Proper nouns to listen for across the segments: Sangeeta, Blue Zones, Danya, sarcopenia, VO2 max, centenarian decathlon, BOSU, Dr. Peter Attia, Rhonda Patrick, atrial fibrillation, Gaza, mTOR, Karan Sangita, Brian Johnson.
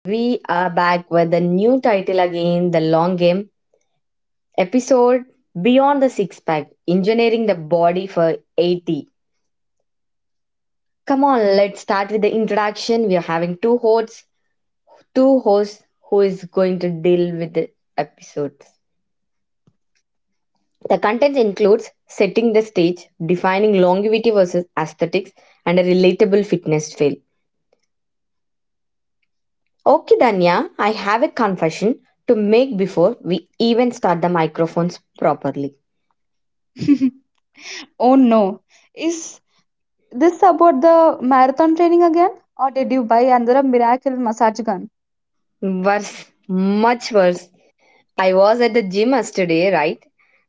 We are back with a new title again: The Long Game, episode Beyond the Six Pack: Engineering the Body for 80. Come on, let's start with the introduction. We are having two hosts who is going to deal with the episode. The content includes setting the stage, defining longevity versus aesthetics, and a relatable fitness fail. Okay, Danya, I have a confession to make before we even start the microphones properly. Oh no. Is this about the marathon training again? Or did you buy another miracle massage gun? Worse, much worse. I was at the gym yesterday, right?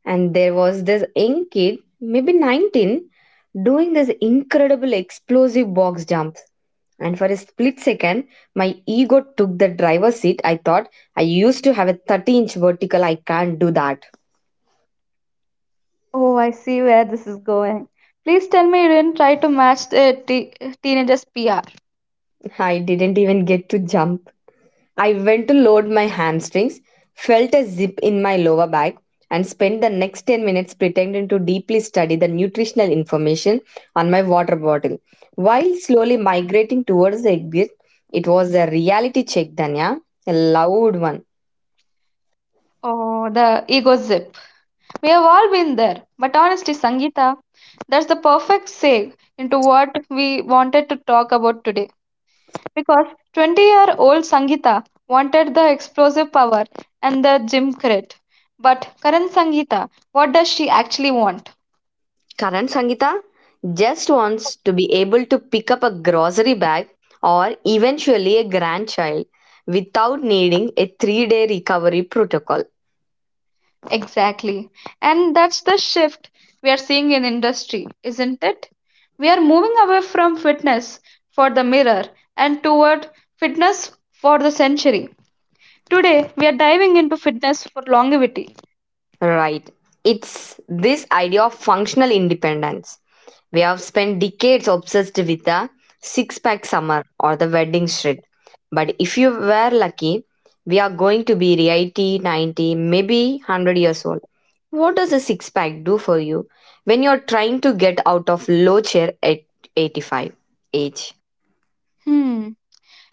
And there was this young kid, maybe 19, doing this incredible explosive box jumps. And for a split second, my ego took the driver's seat. I thought I used to have a 30-inch vertical. I can't do that. Oh, I see where this is going. Please tell me you didn't try to match the teenager's PR. I didn't even get to jump. I went to load my hamstrings, felt a zip in my lower back, and spent the next 10 minutes pretending to deeply study the nutritional information on my water bottle. While slowly migrating towards the exit, it was a reality check, Danya, a loud one. Oh, the ego zip. We have all been there. But honestly, Sangeeta, that's the perfect segue into what we wanted to talk about today because 20-year-old Sangeeta wanted the explosive power and the gym crit. But current Sangeeta, what does she actually want? Karan Sangita just wants to be able to pick up a grocery bag or eventually a grandchild without needing a 3 day recovery protocol. Exactly. And that's the shift we are seeing in industry, isn't it? We are moving away from fitness for the mirror and toward fitness for the century. Today, we are diving into fitness for longevity. Right. It's this idea of functional independence. We have spent decades obsessed with the six pack summer or the wedding shred. But if you were lucky, we are going to be 80, 90, maybe 100 years old. What does a six pack do for you when you're trying to get out of low chair at 85 age? Hmm,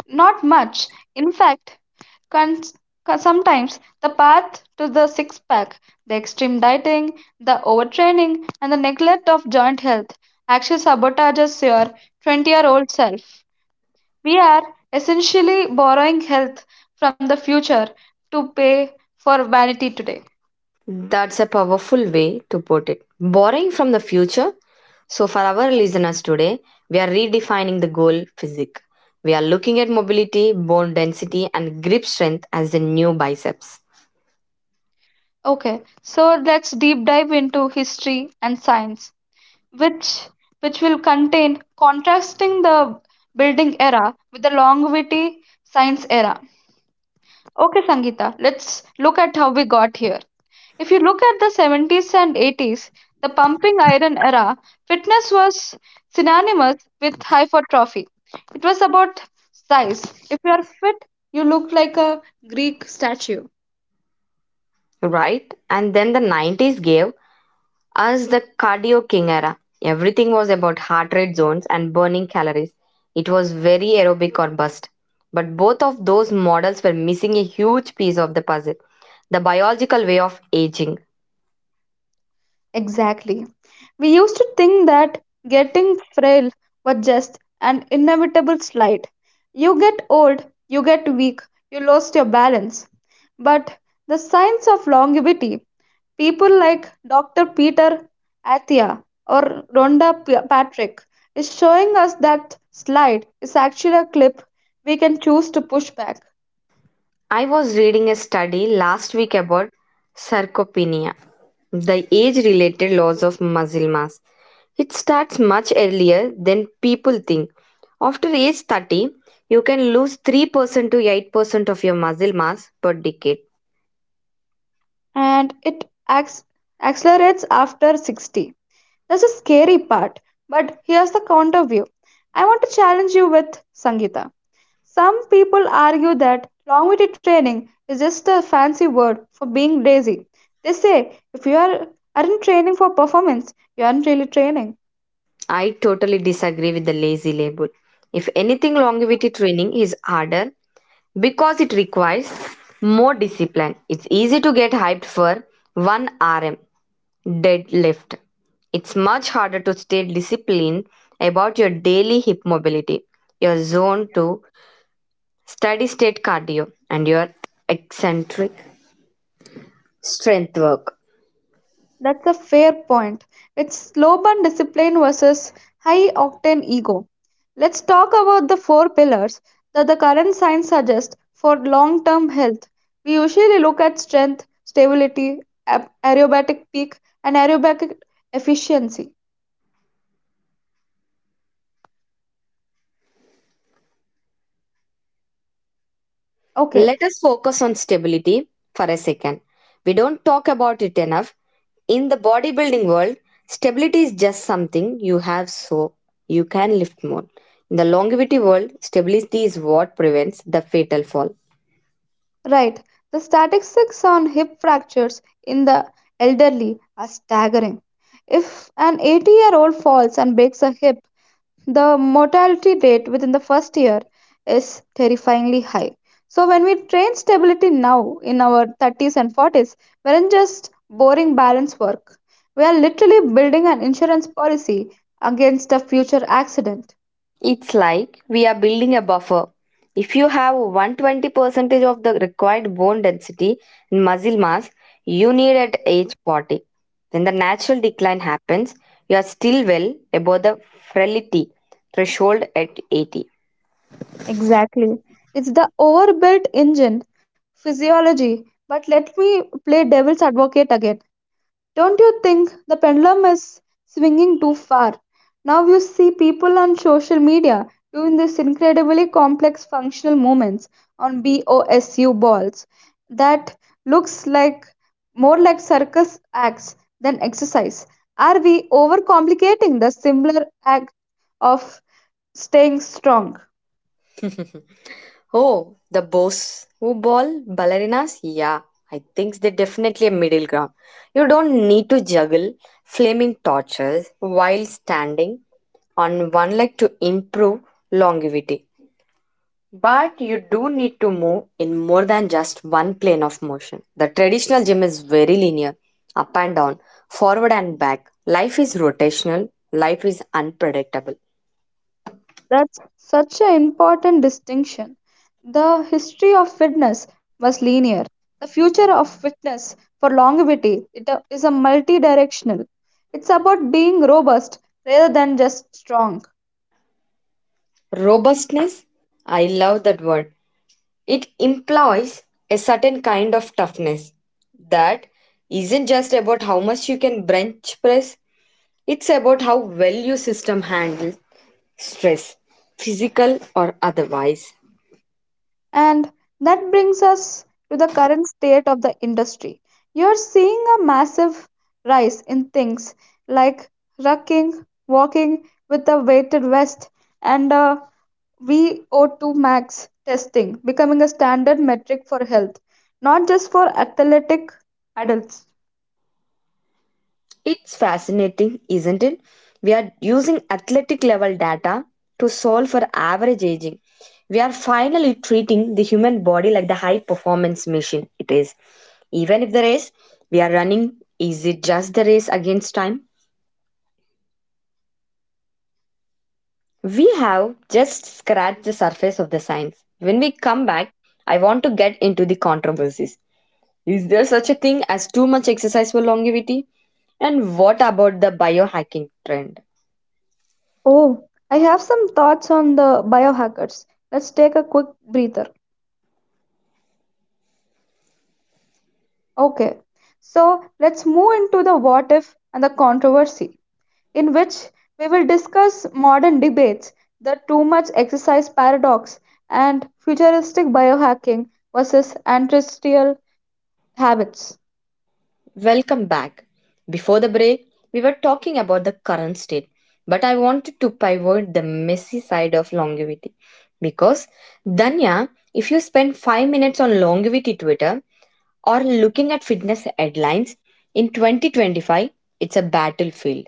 not much. In fact, Con- sometimes the path to the six pack, the extreme dieting, the overtraining, and the neglect of joint health actually sabotages your 20-year-old self. We are essentially borrowing health from the future to pay for vanity today. That's a powerful way to put it. Borrowing from the future. So, for our listeners today, we are redefining the goal physique. We are looking at mobility, bone density, and grip strength as the new biceps. Okay, so let's deep dive into history and science, which which will contain contrasting the building era with the longevity science era. Okay, Sangeeta, let's look at how we got here. If you look at the '70s and '80s, the pumping iron era, fitness was synonymous with hypertrophy. It was about size. If you are fit, you look like a Greek statue. Right? And then the 90s gave us the cardio king era. Everything was about heart rate zones and burning calories. It was very aerobic or bust. But both of those models were missing a huge piece of the puzzle: the biological way of aging. Exactly. We used to think that getting frail was just an inevitable slide. You get old, you get weak, you lost your balance. But the science of longevity, people like Dr. Peter Attia or Rhonda Patrick, is showing us that slide is actually a clip we can choose to push back. I was reading a study last week about sarcopenia, the age related loss of muscle mass. It starts much earlier than people think. After age 30, you can lose 3% to 8% of your muscle mass per decade. And it acts accelerates after 60. That's the scary part. But here's the counter view. I want to challenge you with Sangeeta. Some people argue that longevity training is just a fancy word for being lazy. They say if aren't training for performance, you aren't really training. I totally disagree with the lazy label. If anything, longevity training is harder because it requires more discipline. It's easy to get hyped for 1 RM deadlift. It's much harder to stay disciplined about your daily hip mobility, your zone 2 steady state cardio, and your eccentric strength work. That's a fair point. It's slow burn discipline versus high octane ego. Let's talk about the four pillars that the current science suggests for long term health. We usually look at strength, stability, aerobatic peak, and aerobatic efficiency. Okay, Let us focus on stability for a second. We don't talk about it enough. In the bodybuilding world, stability is just something you have so you can lift more. In the longevity world, stability is what prevents the fatal fall. right. The statistics on hip fractures in the elderly are staggering. If an 80-year-old falls and breaks a hip, the mortality rate within the first year is terrifyingly high. So, when we train stability now in our 30s and 40s, we aren't just boring balance work. We are literally building an insurance policy against a future accident. It's like we are building a buffer. If you have 120% of the required bone density and muscle mass you need at age 40, when the natural decline happens, you are still well above the frailty threshold at 80. Exactly. It's the overbuilt engine physiology. But let me play devil's advocate again. Don't you think the pendulum is swinging too far? Now you see people on social media doing these incredibly complex functional movements on BOSU balls that looks like more like circus acts than exercise. Are we overcomplicating the simpler act of staying strong? Oh, the boss who ball ballerinas? Yeah, I think they're definitely a middle ground. You don't need to juggle flaming torches while standing on one leg to improve longevity. But you do need to move in more than just one plane of motion. The traditional gym is very linear, up and down, forward and back. Life is rotational, life is unpredictable. That's such an important distinction. The history of fitness was linear. The future of fitness for longevity is a multi-directional. It's about being robust rather than just strong. Robustness, I love that word. It implies a certain kind of toughness that isn't just about how much you can bench press; it's about how well your system handles stress, physical or otherwise. And that brings us to the current state of the industry. You're seeing a massive rise in things like rucking, walking with a weighted vest, and a VO2 max testing becoming a standard metric for health, not just for athletic adults. It's fascinating, isn't it? We are using athletic level data to solve for average aging. We are finally treating the human body like the high performance machine it is. Even if the race we are running is it just the race against time? We have just scratched the surface of the science. When we come back, I want to get into the controversies. Is there such a thing as too much exercise for longevity? And what about the biohacking trend? Oh, I have some thoughts on the biohackers. Let's take a quick breather. Okay, so let's move into the what if and the controversy, in which we will discuss modern debates, the too much exercise paradox, and futuristic biohacking versus ancestral habits. Welcome back. Before the break, we were talking about the current state, but I wanted to pivot the messy side of longevity. Because, Danya, if you spend 5 minutes on longevity Twitter, or looking at fitness headlines in 2025, it's a battlefield.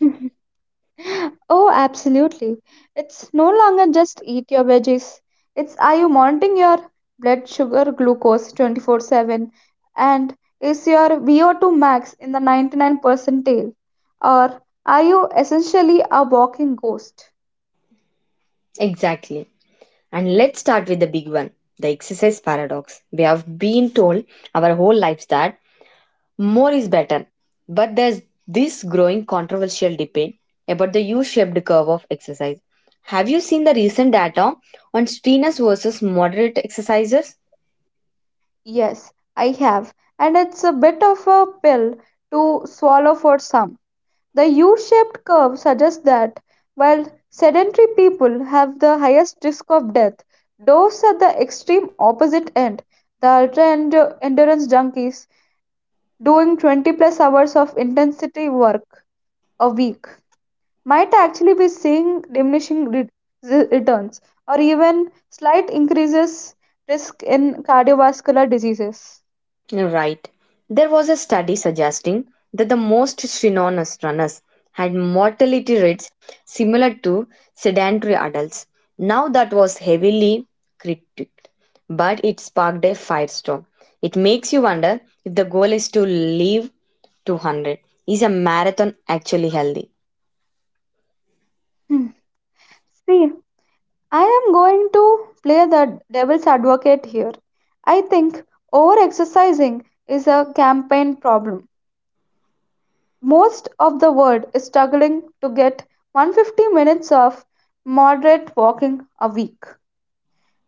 Oh, absolutely. It's no longer just eat your veggies. It's are you monitoring your blood sugar glucose 24/7 and is your VO2 max in the 99 percentile or are you essentially a walking ghost? Exactly. And let's start with the big one, the exercise paradox. We have been told our whole lives that more is better, but there's this growing controversial debate about the U-shaped curve of exercise. Have you seen the recent data on strenuous versus moderate exercisers? Yes, I have and it's a bit of a pill to swallow for some. The U-shaped curve suggests that, while sedentary people have the highest risk of death, those at the extreme opposite end, the ultra-endurance junkies doing 20 plus hours of intensity work a week, might actually be seeing diminishing returns or even slight increases risk in cardiovascular diseases. Right. There was a study suggesting that the most synonymous runners had mortality rates similar to sedentary adults. Now, that was heavily critiqued, but it sparked a firestorm. It makes you wonder, if the goal is to live 200, is a marathon actually healthy? Hmm. See, I am going to play the devil's advocate here. I think over exercising is a campaign problem. Most of the world is struggling to get 150 minutes of moderate walking a week.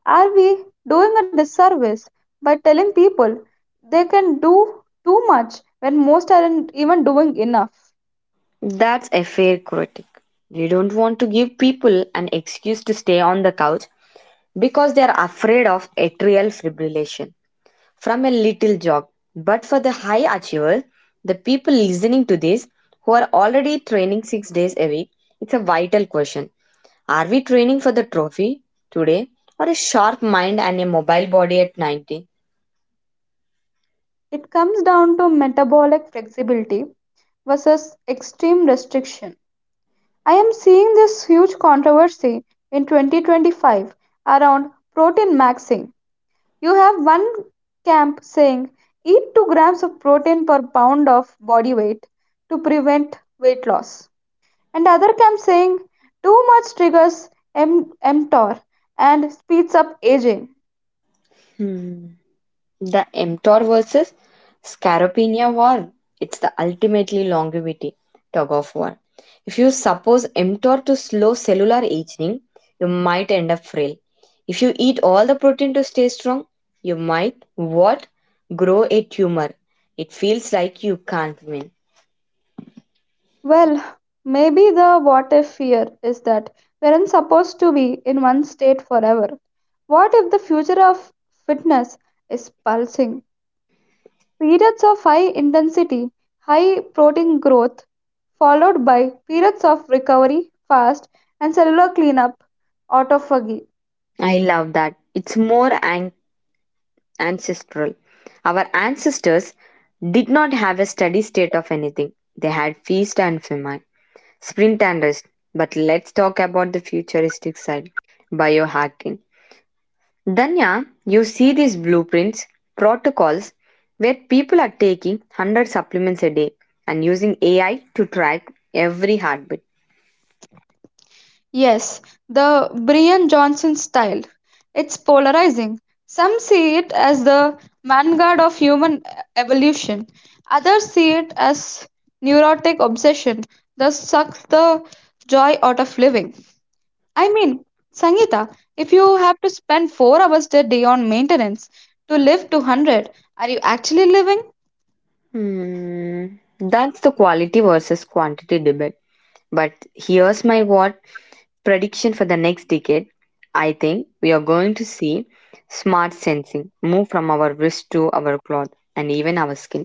Are we doing a disservice by telling people they can do too much when most aren't even doing enough? That's a fair critic. We don't want to give people an excuse to stay on the couch because they are afraid of atrial fibrillation from a little jog. But for the high achiever, the people listening to this who are already training 6 days a week, it's a vital question. Are we training for the trophy today, or a sharp mind and a mobile body at 90? It comes down to metabolic flexibility versus extreme restriction. I am seeing this huge controversy in 2025 around protein maxing. You have one camp saying eat 2 grams of protein per pound of body weight to prevent weight loss, and other camp saying too much triggers mTOR and speeds up aging. Hmm. The mTOR versus Scaropenia war, it's the ultimately longevity tug of war. If you suppose mTOR to slow cellular aging, you might end up frail. If you eat all the protein to stay strong, you might what? Grow a tumor. It feels like you can't win. Well, maybe the what if fear is that we aren't supposed to be in one state forever. What if the future of fitness is pulsing periods of high intensity, high protein growth, followed by periods of recovery, fast, and cellular cleanup, autophagy. I love that. It's more ancestral. Our ancestors did not have a steady state of anything. They had feast and famine. Sprint and rest. But let's talk about the futuristic side: biohacking. Danya, you see these blueprints, protocols where people are taking 100 supplements a day and using AI to track every heartbeat. Yes, the Brian Johnson style. It's polarizing. Some see it as the vanguard of human evolution, others see it as neurotic obsession that sucks the joy out of living. I mean, Sangeeta, if you have to spend 4 hours a day on maintenance to live to 100, are you actually living? Hmm, that's the quality versus quantity debate. But here's my what prediction for the next decade. I think we are going to see smart sensing move from our wrist to our cloth and even our skin.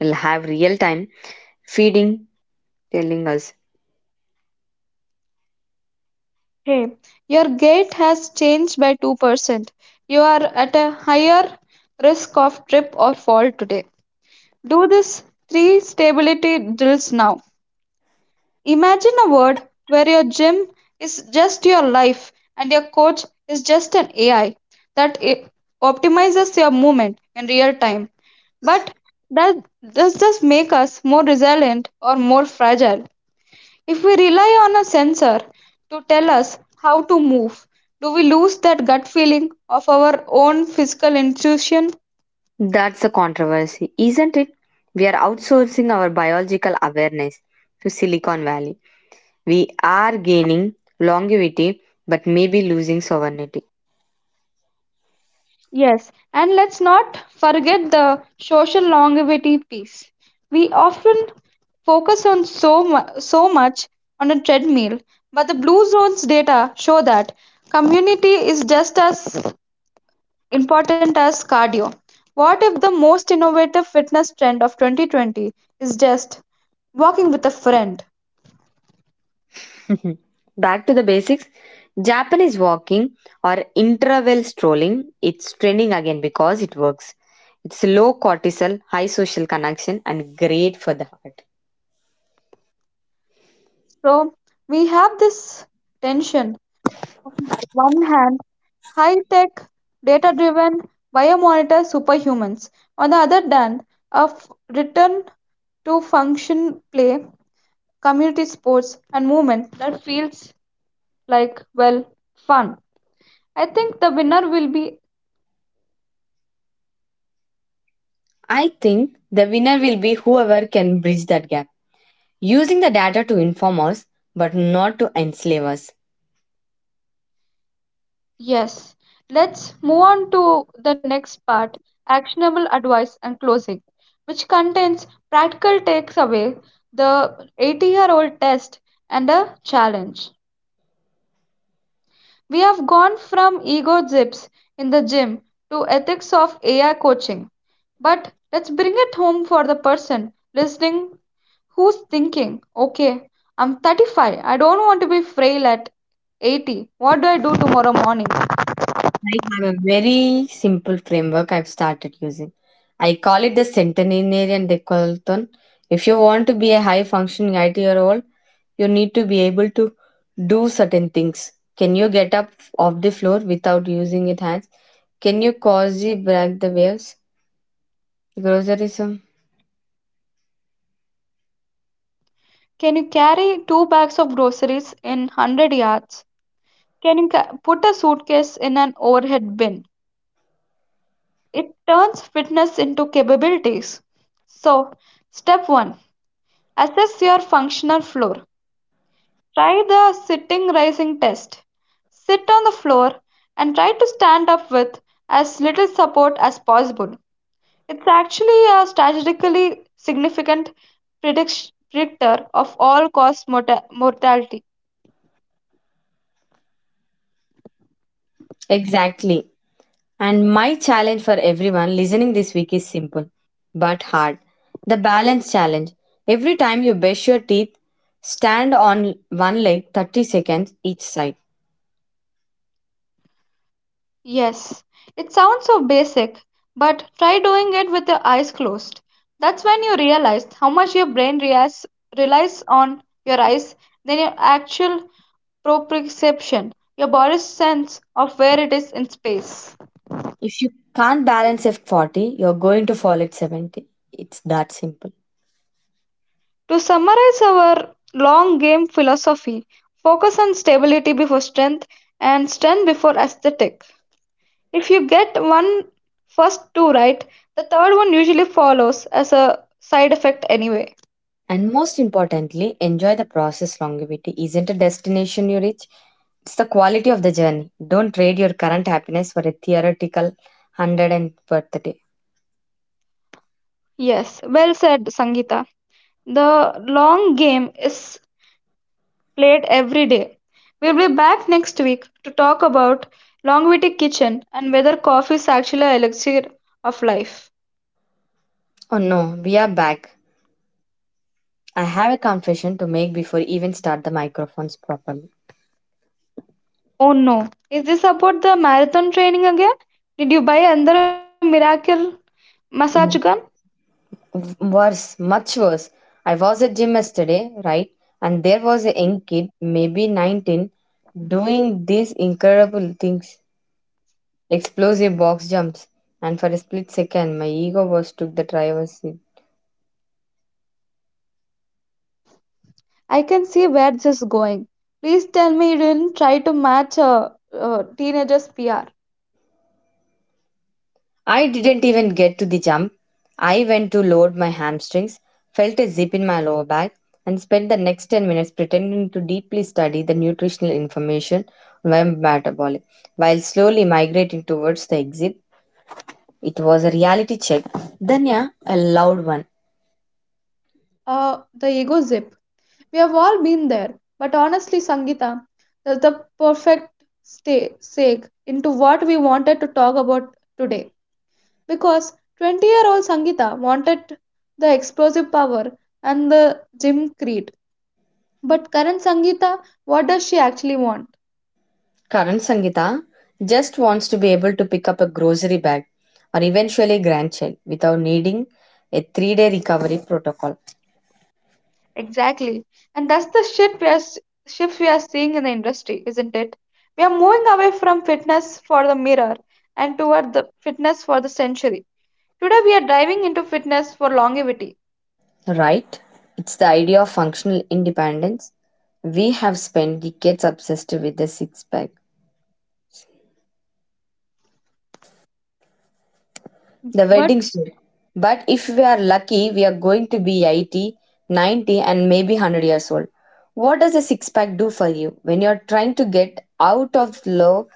Will have real time feeding telling us. Hey, your gait has changed by 2%. You are at a higher risk of trip or fall today. Do this three stability drills now. Imagine a world where your gym is just your life and your coach is just an AI that optimizes your movement in real time. But that does this make us more resilient or more fragile? If we rely on a sensor to tell us how to move, do we lose that gut feeling of our own physical intuition? That's the controversy, isn't it? We are outsourcing our biological awareness to Silicon Valley. We are gaining longevity but maybe losing sovereignty. Yes, and let's not forget the social longevity piece. We often focus on so much on a treadmill, but the Blue Zones data show that community is just as important as cardio. What if the most innovative fitness trend of 2020 is just walking with a friend? Back to the basics. Japanese walking, or interval strolling, it's trending again because it works. It's low cortisol, high social connection, and great for the heart. So we have this tension one hand, high tech, data driven biomonitor superhumans. On the other hand, return to function play, community sports, and movement that feels like, well, fun. I think the winner will be I think the winner will be whoever can bridge that gap, using the data to inform us but not to enslave us. yes. Let's move on to the next part actionable advice and closing, which contains practical takes away the 80-year-old test and a challenge. We have gone from ego zips in the gym to ethics of AI coaching. But let's bring it home for the person listening who's thinking, okay, I'm 35, I don't want to be frail at 80. What do I do tomorrow morning? I have a very simple framework I've started using. I call it the centenarian decathlon. If you want to be a high functioning IT role, you need to be able to do certain things. Can you get up off the floor without using your hands? Can you cause the break the waves? Grocerism? Can you carry two bags of groceries in 100 yards? Can you put a suitcase in an overhead bin? It turns fitness into capabilities. So, step 1, assess your functional floor. Try the sitting rising test. Sit on the floor and try to stand up with as little support as possible. It's actually a statistically significant predictor of all cause mortality. Exactly. And my challenge for everyone listening this week is simple but hard. The balance challenge. Every time you brush your teeth, stand on one leg 30 seconds each side. Yes, it sounds so basic, but try doing it with your eyes closed. That's when you realize how much your relies on your eyes than your actual proprioception, your body's sense of where it is in space. If you can't balance at 40, you're going to fall at 70. It's that simple. To summarize our long game philosophy, focus on stability before strength and strength before aesthetic. If you get one first two right, the third one usually follows as a side effect anyway. And most importantly, enjoy the process. Longevity isn't a destination you reach, it's the quality of the journey. Don't trade your current happiness for a theoretical 100th birthday. Yes, well said, Sangeeta. The long game is played every day. We'll be back next week to talk about longevity kitchen and whether coffee is actually an elixir of life. Oh no, we are back. I have a confession to make before even start the microphones properly. Oh no, is this about the marathon training again? Did you buy another miracle massage gun? Mm. Worse, much worse. I was at gym yesterday, right? And there was a young kid, maybe 19, doing these incredible things. Explosive box jumps. And for a split second, my ego was took the driver's seat. I can see where this is going. Please tell me you didn't try to match a teenager's PR. I didn't even get to the jump. I went to load my hamstrings, felt a zip in my lower back, and spent the next 10 minutes pretending to deeply study the nutritional information on my metabolic while slowly migrating towards the exit. It was a reality check, then, yeah, a loud one. The ego zip. We have all been there. But honestly, Sangeeta, that's the perfect segue into what we wanted to talk about today. Because 20-year-old Sangeeta wanted the explosive power and the gym creed. But current Sangeeta, what does she actually want? Current Sangita just wants to be able to pick up a grocery bag or eventually a grandchild without needing a 3 day recovery protocol. Exactly. And that's the shit we are, s- shift we are seeing in the industry, isn't it? We are moving away from fitness for the mirror and toward the fitness for the century. Today we are diving into fitness for longevity. Right? It's the idea of functional independence. We have spent decades obsessed with the six pack, the But wedding suit. But if we are lucky, we are going to be 80, 90, and maybe 100 years old. What does a six pack do for you when you're trying to get out of low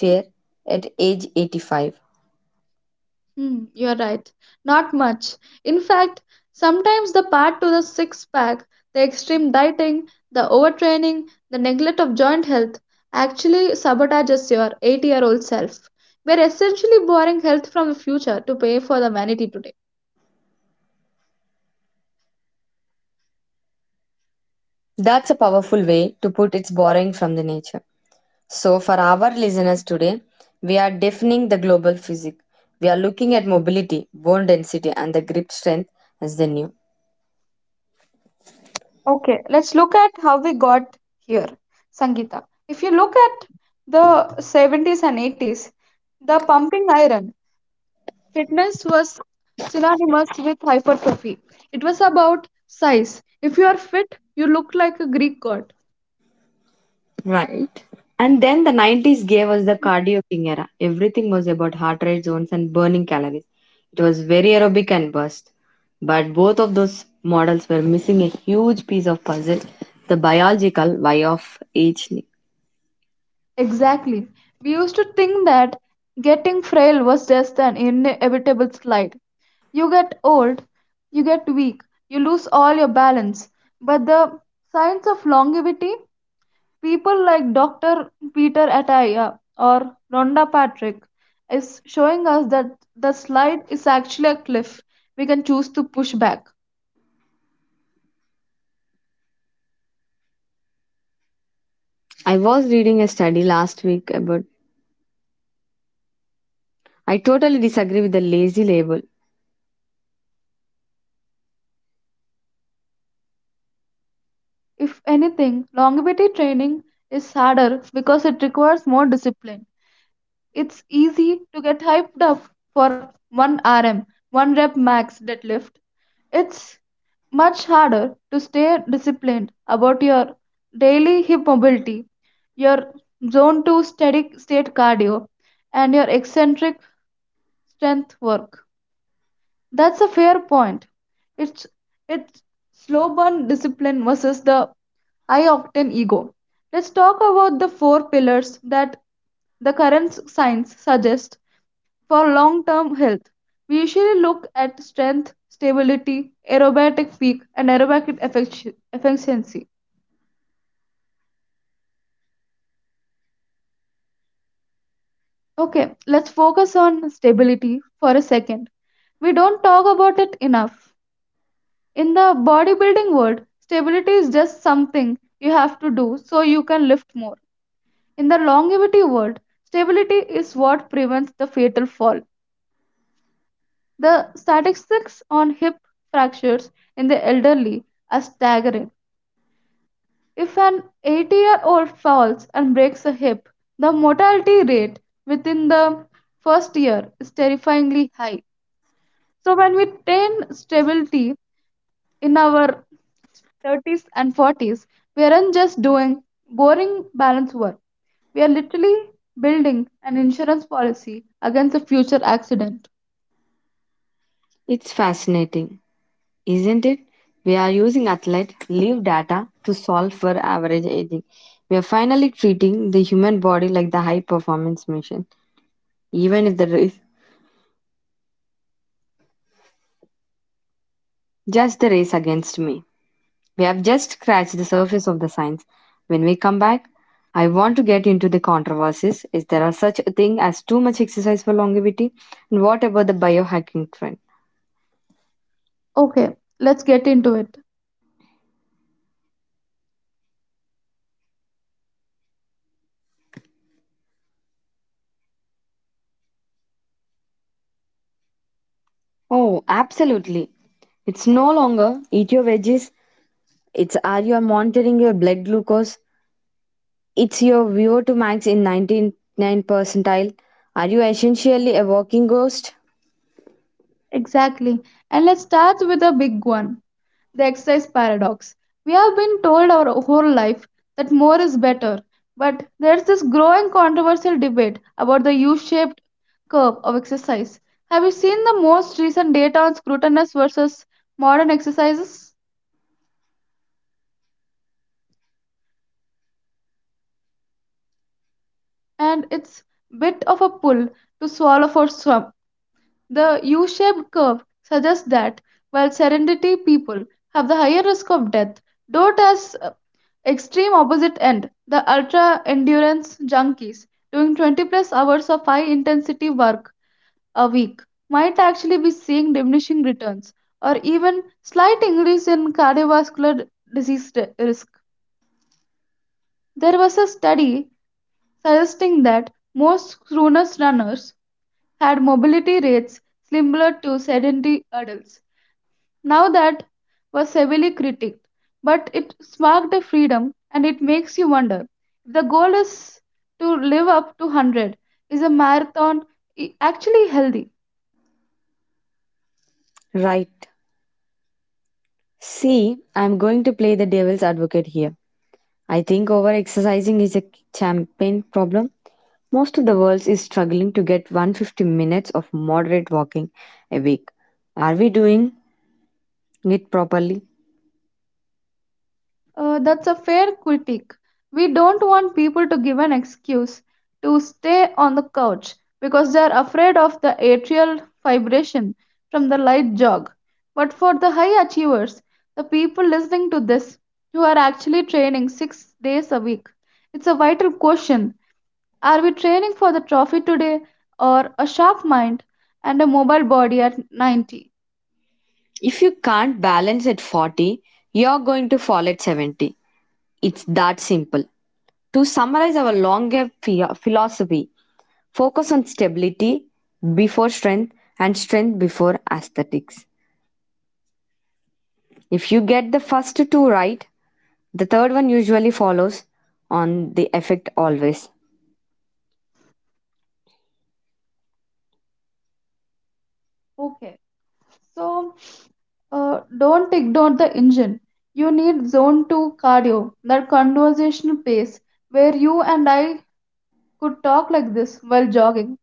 chair at age 85? hmm, you're right. Not much. In fact, sometimes the path to the six pack, the extreme dieting, the overtraining, the neglect of joint health actually sabotages your 8-year-old self. We're essentially borrowing health from the future to pay for the vanity today. That's a powerful way to put its borrowing from the nature. So, for our listeners today, we are defining the global physics. We are looking at mobility, bone density, and the grip strength as the new. Okay, let's look at how we got here, Sangeeta. If you look at the '70s and '80s, the pumping iron fitness was synonymous with hypertrophy. It was about size. If you are fit, you look like a Greek god. Right. And then the 90s gave us the cardio king era. Everything was about heart rate zones and burning calories. It was very aerobic and burst. But both of those models were missing a huge piece of puzzle, the biological why of aging. Exactly. We used to think that getting frail was just an inevitable slide. You get old, you get weak, you lose all your balance. But the science of longevity, people like Dr. Peter Attia or Rhonda Patrick, is showing us that the slide is actually a cliff we can choose to push back. I was reading a study last week about I totally disagree with the lazy label. If anything, longevity training is harder because it requires more discipline. It's easy to get hyped up for 1 RM, 1 rep max deadlift. It's much harder to stay disciplined about your daily hip mobility, your zone 2 steady state cardio, and your eccentric strength work. That's a fair point. It's it's slow burn discipline versus the high octane ego. Let's talk about the four pillars that the current science suggests for long term health. We usually look at strength, stability, aerobatic peak, and efficiency. Okay, let's focus on stability for a second. We don't talk about it enough. In the bodybuilding world, stability is just something you have to do so you can lift more. In the longevity world, stability is what prevents the fatal fall. The statistics on hip fractures in the elderly are staggering. If an 80-year-old falls and breaks a hip, the mortality rate within the first year is terrifyingly high. So, when we train stability in our 30s and 40s, we aren't just doing boring balance work. We are literally building an insurance policy against a future accident. It's fascinating. Isn't it? We are using athlete live data to solve for average aging. We are finally treating the human body like the high performance machine, even if the race just the race against me. We have just scratched the surface of the science. When we come back, I want to get into the controversies. Is there are such a thing as too much exercise for longevity? And what about the biohacking trend? Okay, let's get into it. Oh, absolutely. It's no longer eat your veggies. It's, are you monitoring your blood glucose? It's your VO2 max in 99 percentile. Are you essentially a walking ghost? Exactly. And let's start with a big one, the exercise paradox. We have been told our whole life that more is better, but there's this growing controversial debate about the U shaped curve of exercise. Have you seen the most recent data on scrutinous versus modern exercises? And it's bit of a pull to swallow for some. The U shaped curve suggests that while sedentary people have the higher risk of death, don't as extreme opposite end, the ultra endurance junkies doing 20 plus hours of high intensity work a week might actually be seeing diminishing returns or even slight increase in cardiovascular risk. There was a study suggesting that most crooners runners had mobility rates similar to sedentary adults. Now that was heavily critiqued, but it sparked a freedom and it makes you wonder, if the goal is to live up to 100, is a marathon I- actually healthy? Right. See, I'm going to play the devil's advocate here. I think over exercising is a champagne problem. Most of the world is struggling to get 150 minutes of moderate walking a week. Are we doing it properly? That's a fair critique. We don't want people to give an excuse to stay on the couch because they are afraid of the atrial fibrillation from the light jog. But for the high achievers, the people listening to this who are actually training 6 days a week, it's a vital question. Are we training for the trophy today or a sharp mind and a mobile body at 90? If you can't balance at 40, you're going to fall at 70. It's that simple. To summarize our longer philosophy, focus on stability before strength and strength before aesthetics. If you get the first two right, the third one usually follows on the effect always. Okay. So, don't ignore the engine. You need zone 2 cardio, that conversational pace where you and I could talk like this while jogging.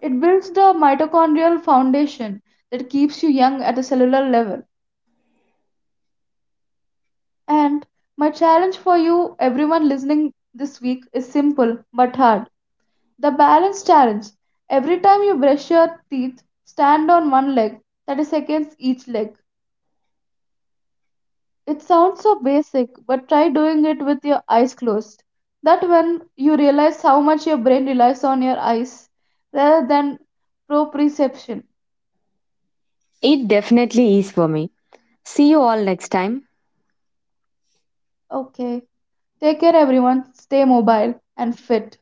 It builds the mitochondrial foundation that keeps you young at a cellular level. And my challenge for you, everyone listening this week, is simple but hard. The balance challenge. Every time you brush your teeth, stand on one leg, 30 seconds each leg. It sounds so basic, but try doing it with your eyes closed. That when you realize how much your brain relies on your eyes rather than proprioception. It definitely is for me. See you all next time. Okay. Take care, everyone. Stay mobile and fit.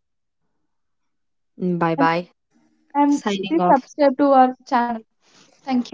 Bye And, bye. and be Signing off. subscribed to our channel. Thank you.